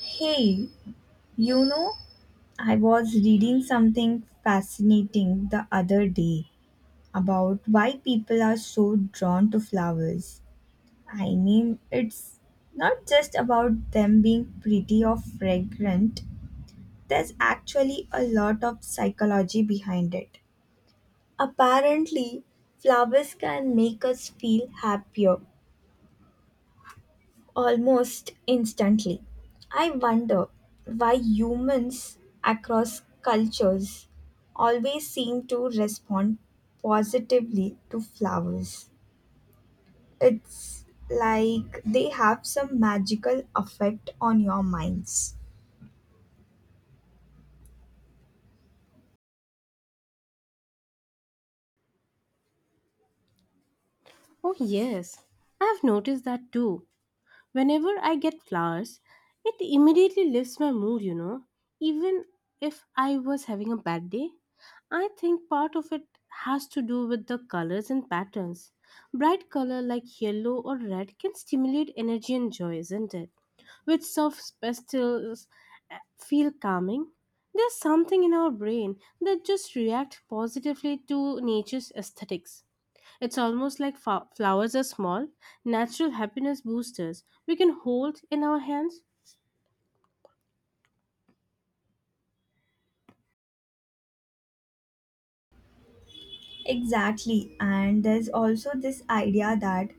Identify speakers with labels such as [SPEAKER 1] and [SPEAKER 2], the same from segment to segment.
[SPEAKER 1] Hey, you know, I was reading something fascinating the other day about why people are so drawn to flowers. I mean, it's not just about them being pretty or fragrant, there's actually a lot of psychology behind it. Apparently, flowers can make us feel happier almost instantly. I wonder why humans across cultures always seem to respond positively to flowers. It's like they have some magical effect on your minds.
[SPEAKER 2] Oh, yes, I've noticed that too. Whenever I get flowers, it immediately lifts my mood. Even if I was having a bad day, I think part of it has to do with the colors and patterns. Bright color like yellow or red can stimulate energy and joy, isn't it? With soft pastels feel calming. There's something in our brain that just reacts positively to nature's aesthetics. It's almost like flowers are small, natural happiness boosters we can hold in our hands.
[SPEAKER 1] Exactly, and there's also this idea that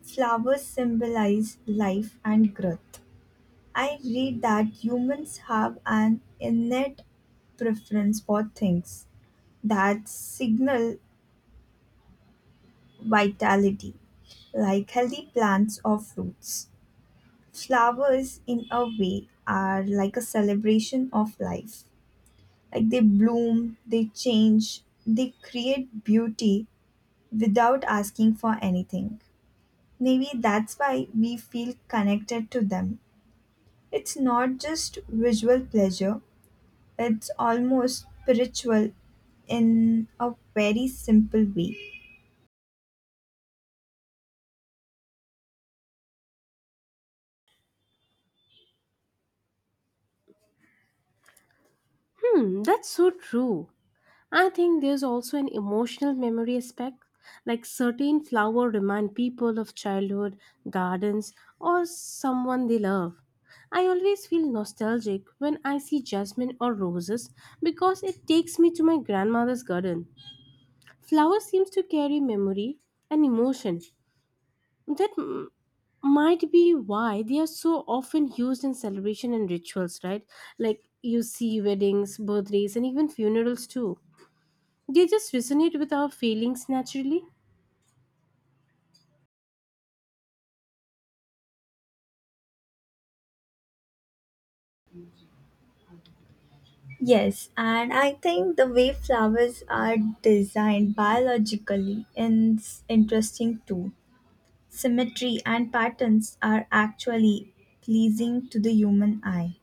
[SPEAKER 1] flowers symbolize life and growth. I read that humans have an innate preference for things that signal vitality, like healthy plants or fruits. Flowers, in a way, are like a celebration of life. Like they bloom, they change, they create beauty without asking for anything. Maybe that's why we feel connected to them. It's not just visual pleasure, it's almost spiritual in a very simple way.
[SPEAKER 2] Hmm, that's so true. I think there's also an emotional memory aspect, like certain flower remind people of childhood, gardens, or someone they love. I always feel nostalgic when I see jasmine or roses because it takes me to my grandmother's garden. Flower seems to carry memory and emotion. That m- might be why they are so often used in celebration and rituals, right? Like you see weddings, birthdays, and even funerals too. They just resonate with our feelings naturally.
[SPEAKER 1] Yes, and I think the way flowers are designed biologically is interesting too. Symmetry and patterns are actually pleasing to the human eye.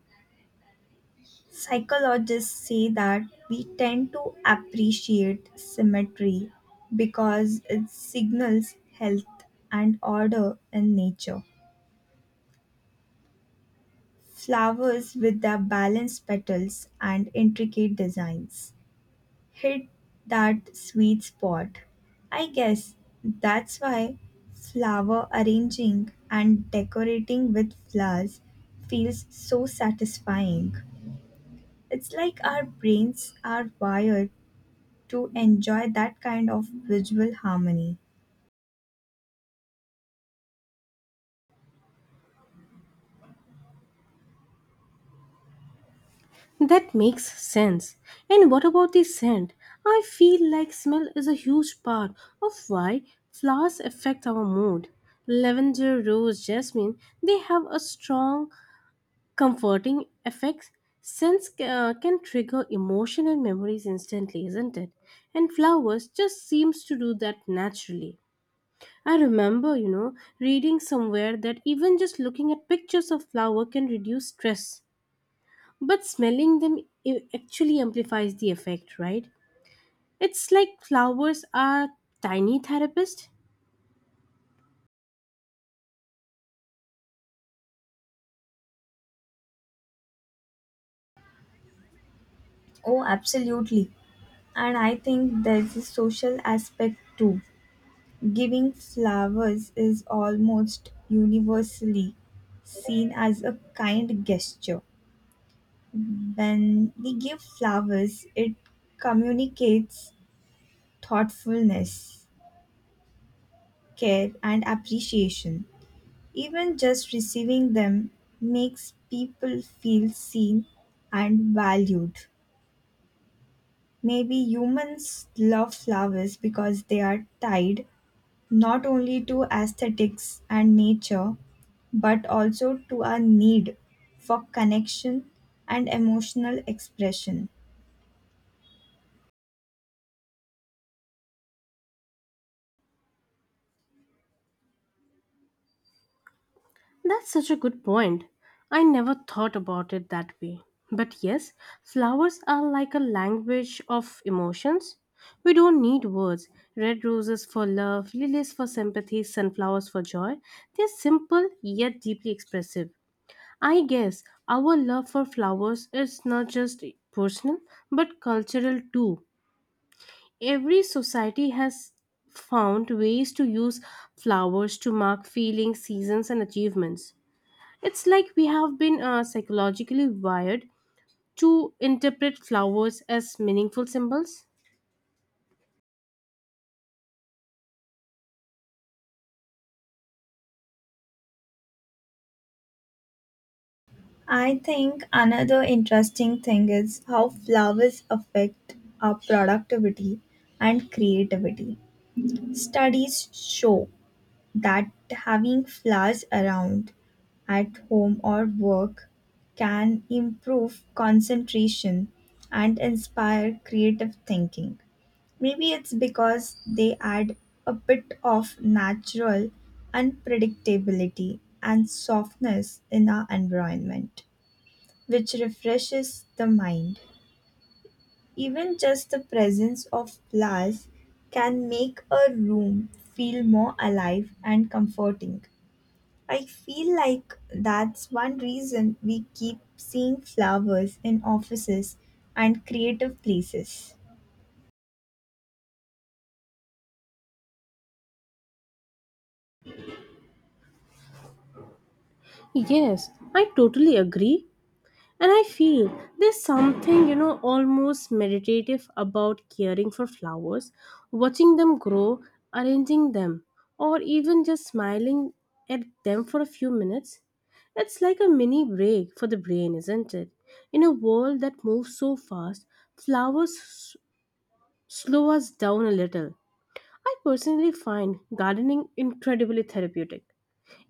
[SPEAKER 1] Psychologists say that we tend to appreciate symmetry because it signals health and order in nature. Flowers with their balanced petals and intricate designs hit that sweet spot. I guess that's why flower arranging and decorating with flowers feels so satisfying. It's like our brains are wired to enjoy that kind of visual harmony.
[SPEAKER 2] That makes sense. And what about the scent? I feel like smell is a huge part of why flowers affect our mood. Lavender, rose, jasmine, they have a strong comforting effects scents can trigger emotion and memories instantly, isn't it? And flowers just seems to do that naturally. I remember, reading somewhere that even just looking at pictures of flower can reduce stress, but smelling them actually amplifies the effect, right? It's like flowers are tiny therapists.
[SPEAKER 1] Oh, absolutely. And I think there's a social aspect too. Giving flowers is almost universally seen as a kind gesture. When we give flowers, it communicates thoughtfulness, care, and appreciation. Even just receiving them makes people feel seen and valued. Maybe humans love flowers because they are tied not only to aesthetics and nature, but also to our need for connection and emotional expression.
[SPEAKER 2] That's such a good point. I never thought about it that way. But yes, flowers are like a language of emotions. We don't need words. Red roses for love, lilies for sympathy, sunflowers for joy. They're simple yet deeply expressive. I guess our love for flowers is not just personal but cultural too. Every society has found ways to use flowers to mark feelings, seasons, and achievements. It's like we have been psychologically wired to interpret flowers as meaningful symbols.
[SPEAKER 1] I think another interesting thing is how flowers affect our productivity and creativity. Studies show that having flowers around at home or work can improve concentration and inspire creative thinking. Maybe it's because they add a bit of natural unpredictability and softness in our environment which refreshes the mind. Even just the presence of flowers can make a room feel more alive and comforting. I feel like that's one reason we keep seeing flowers in offices and creative places.
[SPEAKER 2] Yes, I totally agree. And I feel there's something, almost meditative about caring for flowers, watching them grow, arranging them, or even just smiling at them for a few minutes. It's like a mini break for the brain, isn't it? In a world that moves so fast, flowers s- slow us down a little. I personally find gardening incredibly therapeutic.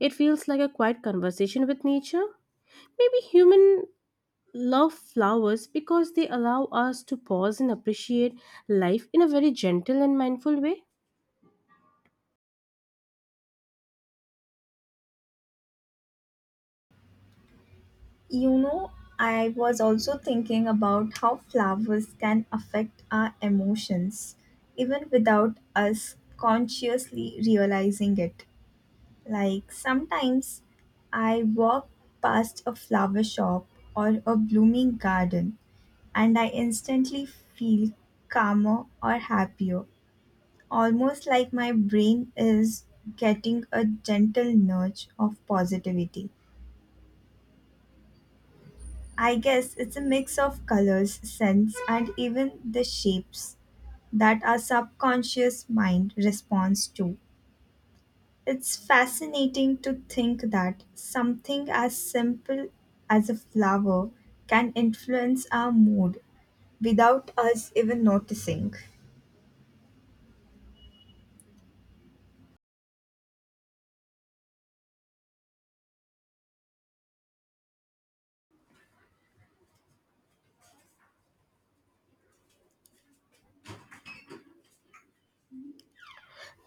[SPEAKER 2] It feels like a quiet conversation with nature. Maybe human love flowers because they allow us to pause and appreciate life in a very gentle and mindful way.
[SPEAKER 1] You know, I was also thinking about how flowers can affect our emotions even without us consciously realizing it. Like sometimes I walk past a flower shop or a blooming garden and I instantly feel calmer or happier, almost like my brain is getting a gentle nudge of positivity. I guess it's a mix of colors, scents, and even the shapes that our subconscious mind responds to. It's fascinating to think that something as simple as a flower can influence our mood without us even noticing.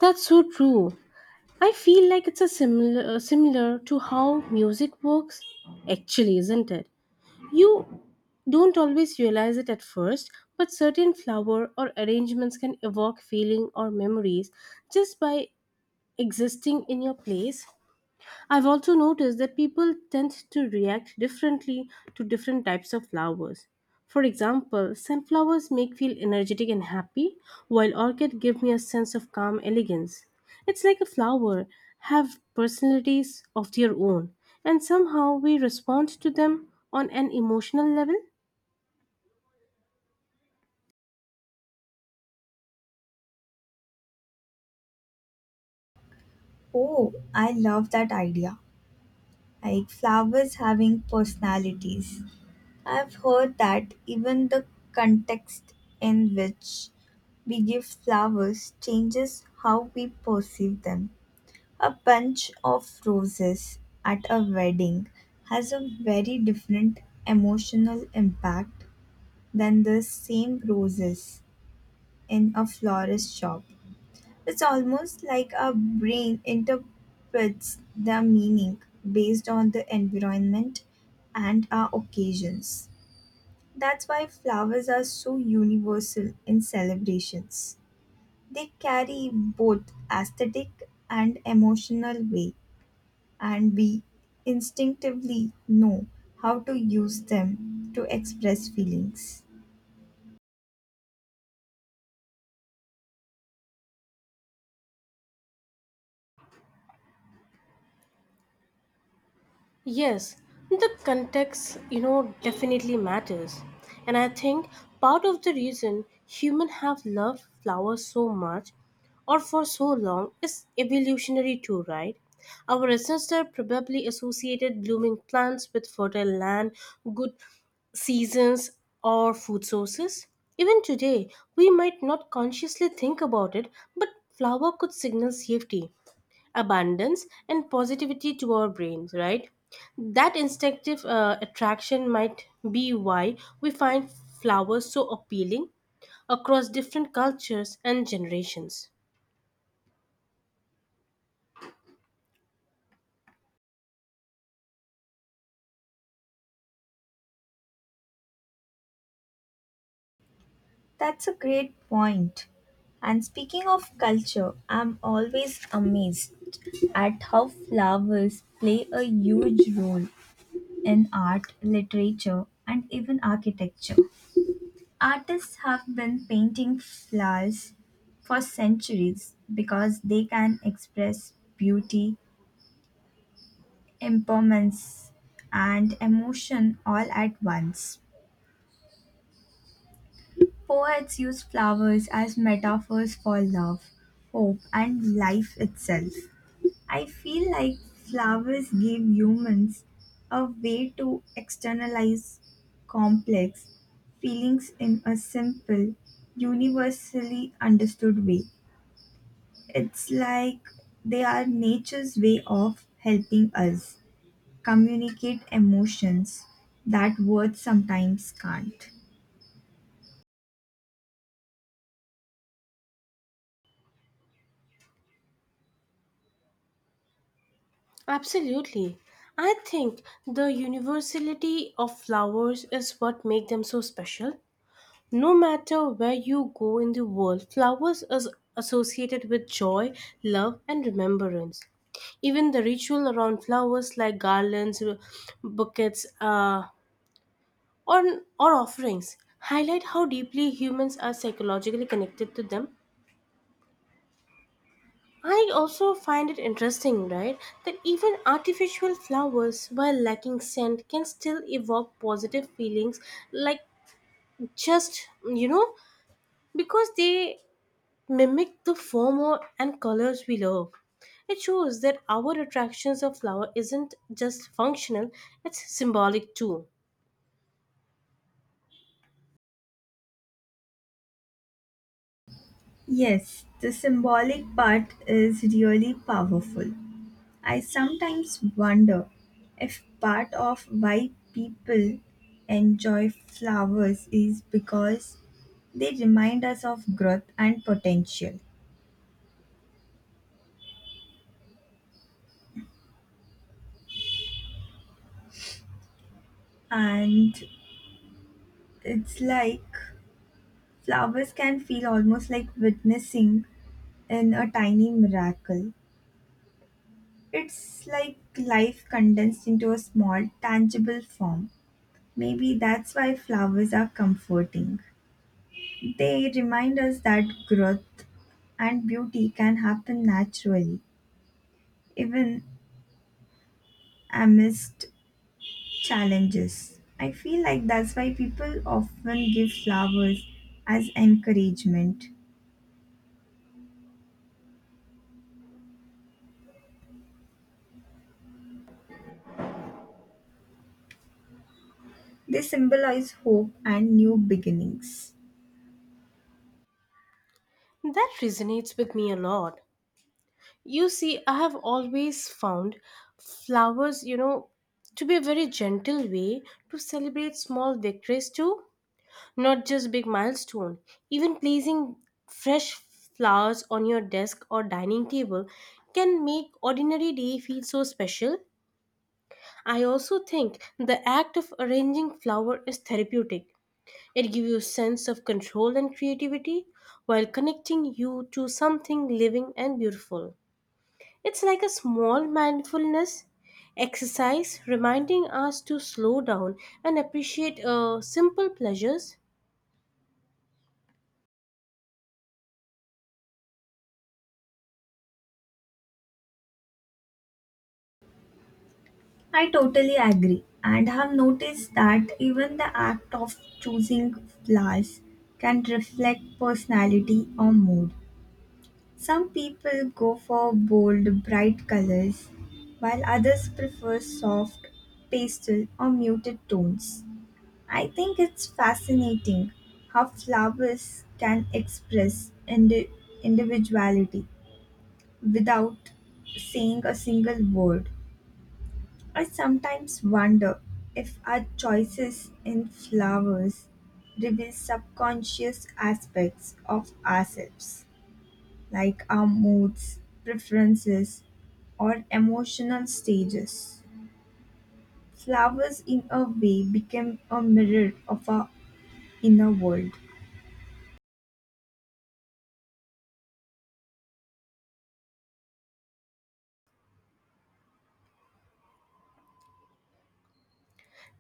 [SPEAKER 2] That's so true. I feel like it's a similar to how music works actually, isn't it? You don't always realize it at first, but certain flower or arrangements can evoke feeling or memories just by existing in your place. I've also noticed that people tend to react differently to different types of flowers. For example, sunflowers make feel energetic and happy, while orchid give me a sense of calm elegance. It's like a flower have personalities of their own, and somehow we respond to them on an emotional level.
[SPEAKER 1] Oh, I love that idea. Like flowers having personalities. I've heard that even the context in which we give flowers changes how we perceive them. A bunch of roses at a wedding has a very different emotional impact than the same roses in a florist shop. It's almost like our brain interprets their meaning based on the environment and our occasions. That's why flowers are so universal in celebrations. They carry both aesthetic and emotional weight, and we instinctively know how to use them to express feelings.
[SPEAKER 2] Yes, the context definitely matters. And I think part of the reason humans have loved flowers so much or for so long is evolutionary too, right? Our ancestors probably associated blooming plants with fertile land, good seasons, or food sources. Even today, we might not consciously think about it, but flower could signal safety, abundance and positivity to our brains, right? That instinctive attraction might be why we find flowers so appealing across different cultures and generations.
[SPEAKER 1] That's a great point. And speaking of culture, I'm always amazed at how flowers play a huge role in art, literature, and even architecture. Artists have been painting flowers for centuries because they can express beauty, impermanence, and emotion all at once. Poets use flowers as metaphors for love, hope, and life itself. I feel like flowers give humans a way to externalize complex feelings in a simple, universally understood way. It's like they are nature's way of helping us communicate emotions that words sometimes can't.
[SPEAKER 2] Absolutely. I think the universality of flowers is what makes them so special. No matter where you go in the world, flowers is associated with joy, love, and remembrance. Even the ritual around flowers, like garlands, buckets, or, or offerings, highlight how deeply humans are psychologically connected to them. I also find it interesting, right, that even artificial flowers, while lacking scent, can still evoke positive feelings, like just, you know, because they mimic the form and colors we love. It shows that our attractions of flower isn't just functional, it's symbolic too.
[SPEAKER 1] Yes, the symbolic part is really powerful. I sometimes wonder if part of why people enjoy flowers is because they remind us of growth and potential. And it's like flowers can feel almost like witnessing in a tiny miracle. It's like life condensed into a small, tangible form. Maybe that's why flowers are comforting. They remind us that growth and beauty can happen naturally, even amidst challenges. I feel like that's why people often give flowers as encouragement. They symbolize hope and new beginnings.
[SPEAKER 2] That resonates with me a lot. You see, I have always found flowers, to be a very gentle way to celebrate small victories too, not just big milestone. Even placing fresh flowers on your desk or dining table can make ordinary day feel so special. I also think the act of arranging flower is therapeutic. It gives you a sense of control and creativity while connecting you to something living and beautiful. It's like a small mindfulness exercise reminding us to slow down and appreciate simple pleasures.
[SPEAKER 1] I totally agree and have noticed that even the act of choosing flowers can reflect personality or mood. Some people go for bold, bright colors, while others prefer soft, pastel, or muted tones. I think it's fascinating how flowers can express individuality without saying a single word. I sometimes wonder if our choices in flowers reveal subconscious aspects of ourselves, like our moods, preferences, or emotional stages. Flowers, in a way, become a mirror of our inner world.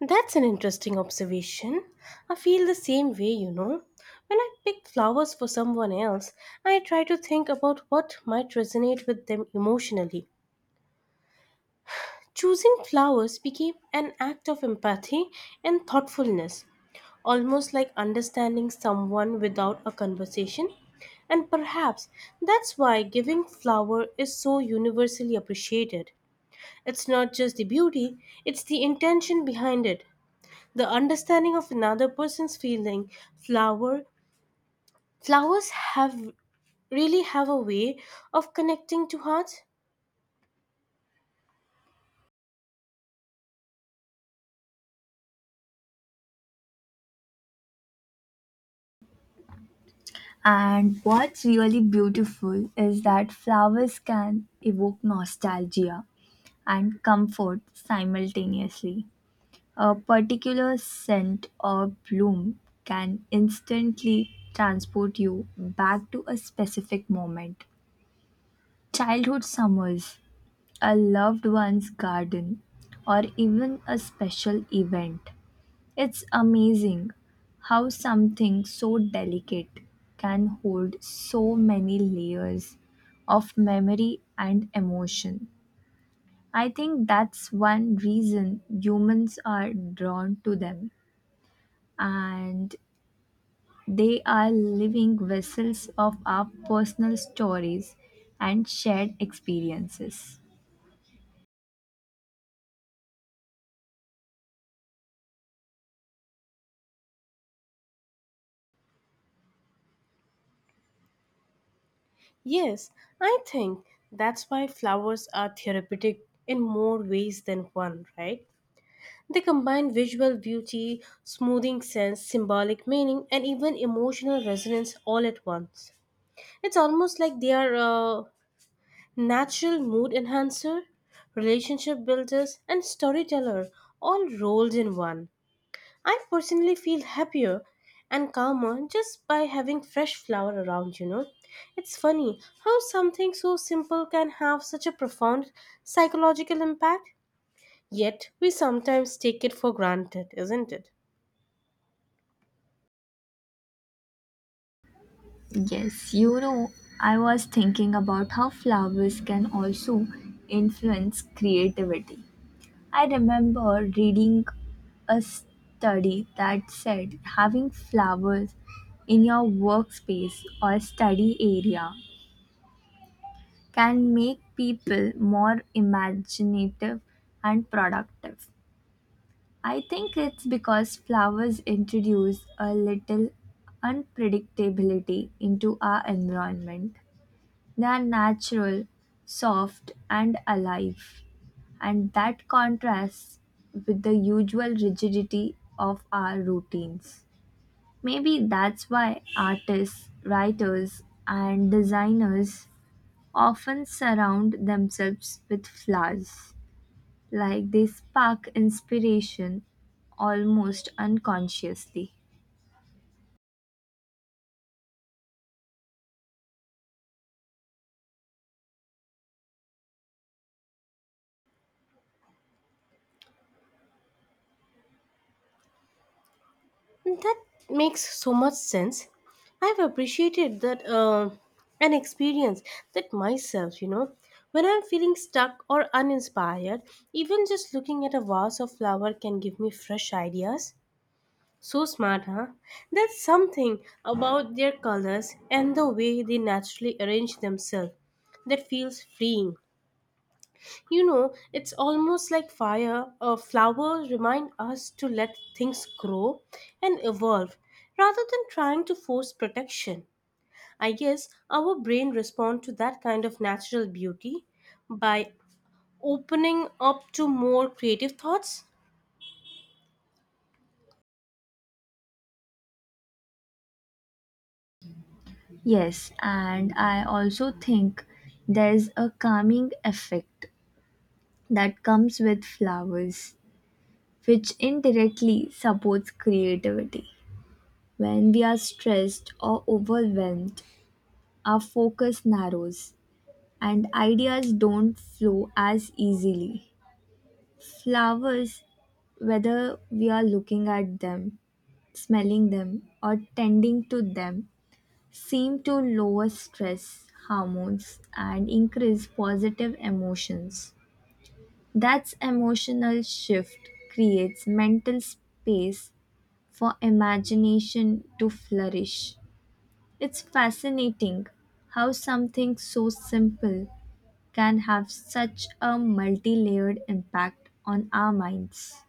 [SPEAKER 2] That's an interesting observation. I feel the same way. When I pick flowers for someone else, I try to think about what might resonate with them emotionally. Choosing flowers became an act of empathy and thoughtfulness, almost like understanding someone without a conversation. And perhaps that's why giving flower is so universally appreciated. It's not just the beauty, it's the intention behind it. The understanding of another person's feeling, flower flowers have really have a way of connecting to hearts.
[SPEAKER 1] And what's really beautiful is that flowers can evoke nostalgia and comfort simultaneously. A particular scent or bloom can instantly transport you back to a specific moment. Childhood summers, a loved one's garden, or even a special event. It's amazing how something so delicate can hold so many layers of memory and emotion. I think that's one reason humans are drawn to them. And they are living vessels of our personal stories and shared experiences.
[SPEAKER 2] Yes, I think that's why flowers are therapeutic in more ways than one, right? They combine visual beauty, smoothing sense, symbolic meaning, and even emotional resonance all at once. It's almost like they are a natural mood enhancer, relationship builders, and storyteller all rolled in one. I personally feel happier and calmer just by having fresh flower around. It's funny how something so simple can have such a profound psychological impact, yet we sometimes take it for granted, isn't it?
[SPEAKER 1] Yes, you know, I was thinking about how flowers can also influence creativity. I remember reading a study that said having flowers in your workspace or study area can make people more imaginative and productive. I think it's because flowers introduce a little unpredictability into our environment. They are natural, soft, and alive, and that contrasts with the usual rigidity of our routines. Maybe that's why artists, writers, and designers often surround themselves with flowers. Like they spark inspiration almost unconsciously.
[SPEAKER 2] That makes so much sense. I've appreciated that and experienced that myself. When I'm feeling stuck or uninspired, even just looking at a vase of flower can give me fresh ideas. So smart, huh? That's something about their colors and the way they naturally arrange themselves that feels freeing. It's almost like fire or flowers remind us to let things grow and evolve rather than trying to force protection. I guess our brain responds to that kind of natural beauty by opening up to more creative thoughts.
[SPEAKER 1] Yes, and I also think there's a calming effect that comes with flowers. Supports create when we are stressed or overwhelmed, our focus narrows and ideas don't flow as easily. Flowers, whether we are looking at them, smelling them, or tending to them, seem to lower stress and increase positive emotions. That's emotional shift creates mental space for imagination to flourish. It's fascinating how something so simple can have such a multi-layered impact on our minds.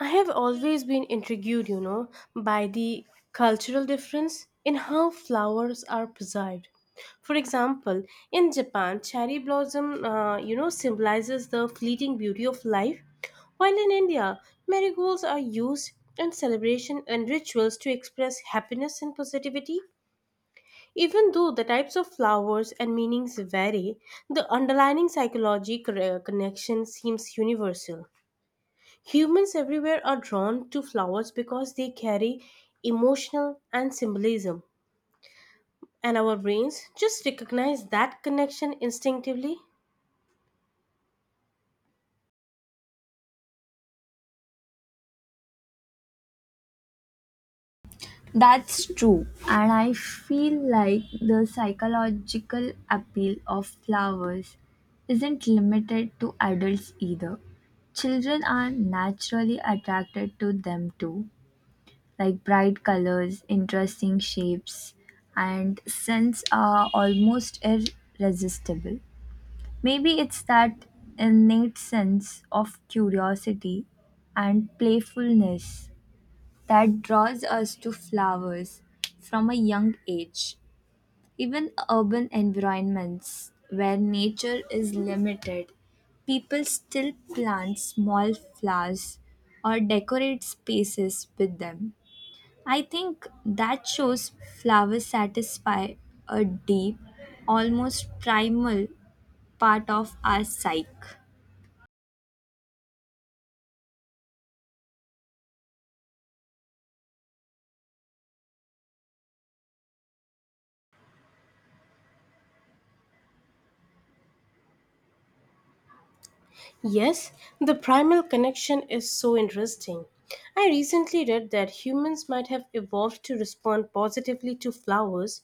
[SPEAKER 2] I have always been intrigued by the cultural difference in how flowers are preserved. For example, in Japan, cherry blossom symbolizes the fleeting beauty of life, while in India, marigolds are used in celebration and rituals to express happiness and positivity. Even though the types of flowers and meanings vary, the underlying psychological connection seems universal. Humans everywhere are drawn to flowers because they carry emotional and symbolism, and our brains just recognize that connection instinctively.
[SPEAKER 1] That's true, and I feel like the psychological appeal of flowers isn't limited to adults either. Children are naturally attracted to them too, like bright colors, interesting shapes, and scents are almost irresistible. Maybe it's that innate sense of curiosity and playfulness that draws us to flowers from a young age. Even urban environments where nature is limited, people still plant small flowers or decorate spaces with them. I think that shows flowers satisfy a deep, almost primal part of our psyche.
[SPEAKER 2] Yes, the primal connection is so interesting. I recently read that humans might have evolved to respond positively to flowers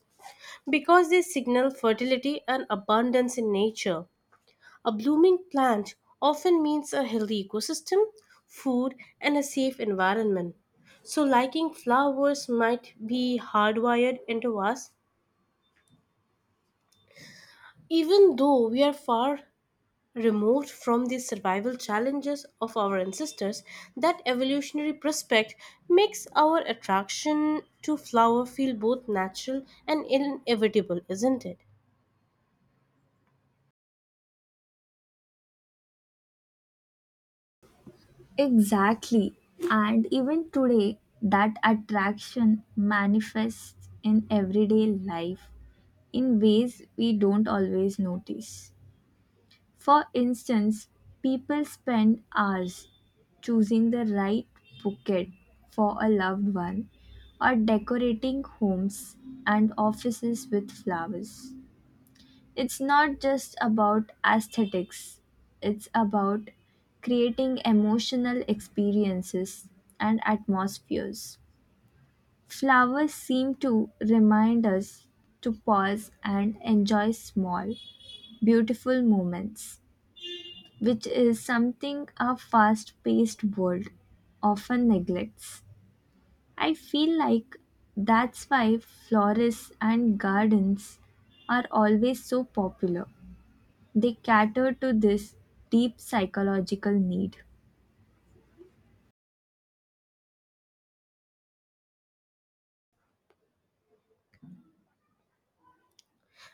[SPEAKER 2] because they signal fertility and abundance in nature. A blooming plant often means a healthy ecosystem, food, and a safe environment. So, liking flowers might be hardwired into us, even though we are far removed from the survival challenges of our ancestors. That evolutionary prospect makes our attraction to flower feel both natural and inevitable, isn't it?
[SPEAKER 1] Exactly. And even today, that attraction manifests in everyday life in ways we don't always notice. For instance, people spend hours choosing the right bouquet for a loved one or decorating homes and offices with flowers. It's not just about aesthetics, it's about creating emotional experiences and atmospheres. Flowers seem to remind us to pause and enjoy small, beautiful moments, which is something our fast paced world often neglects. I feel like that's why florists and gardens are always so popular. They cater to this deep psychological need.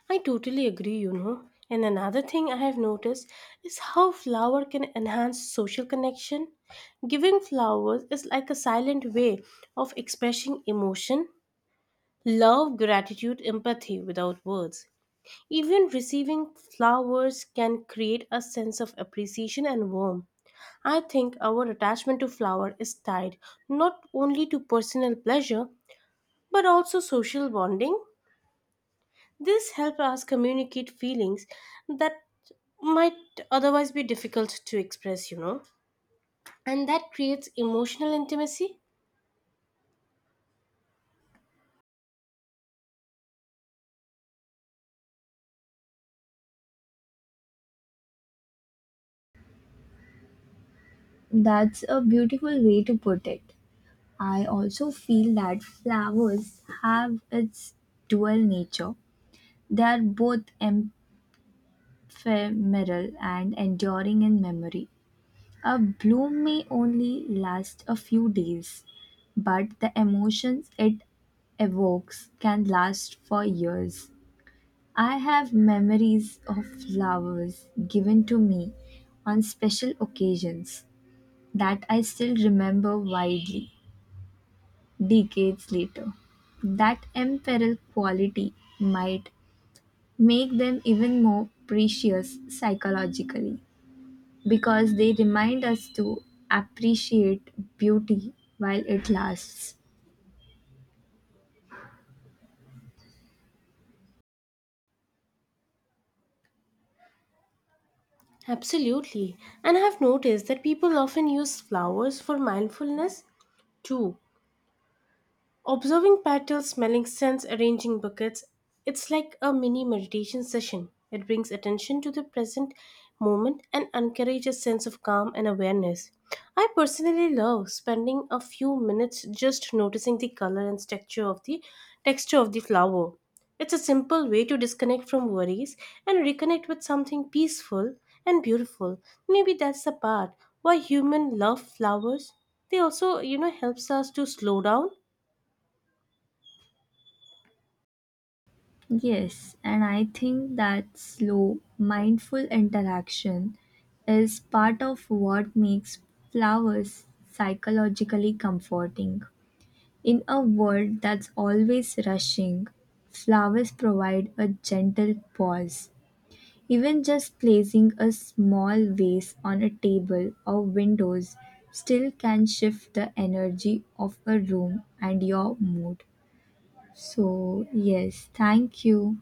[SPEAKER 2] I totally agree. And another thing I have noticed is how flower can enhance social connection. Giving flowers is like a silent way of expressing emotion, love, gratitude, empathy without words. Even receiving flowers can create a sense of appreciation and warmth. I think our attachment to flower is tied not only to personal pleasure but also social bonding. This helps us communicate feelings that might otherwise be difficult to express, and that creates emotional intimacy.
[SPEAKER 1] That's a beautiful way to put it. I also feel that flowers have its dual nature. They are both ephemeral and enduring in memory. A bloom may only last a few days, but the emotions it evokes can last for years. I have memories of flowers given to me on special occasions that I still remember vividly decades later. That imperial quality might make them even more precious psychologically because they remind us to appreciate beauty while it lasts.
[SPEAKER 2] Absolutely. And I've noticed that people often use flowers for mindfulness too. Observing petals, smelling scents, arranging buckets, it's like a mini meditation session. It brings attention to the present moment and encourages a sense of calm and awareness. I personally love spending a few minutes just noticing the color and texture of the flower. It's a simple way to disconnect from worries and reconnect with something peaceful and beautiful. Maybe that's the part why humans love flowers. They also helps us to slow down.
[SPEAKER 1] Yes, and I think that slow, mindful interaction is part of what makes flowers psychologically comforting. In a world that's always rushing, flowers provide a gentle pause. Even just placing a small vase on a table or windows still can shift the energy of a room and your mood. So, yes, thank you.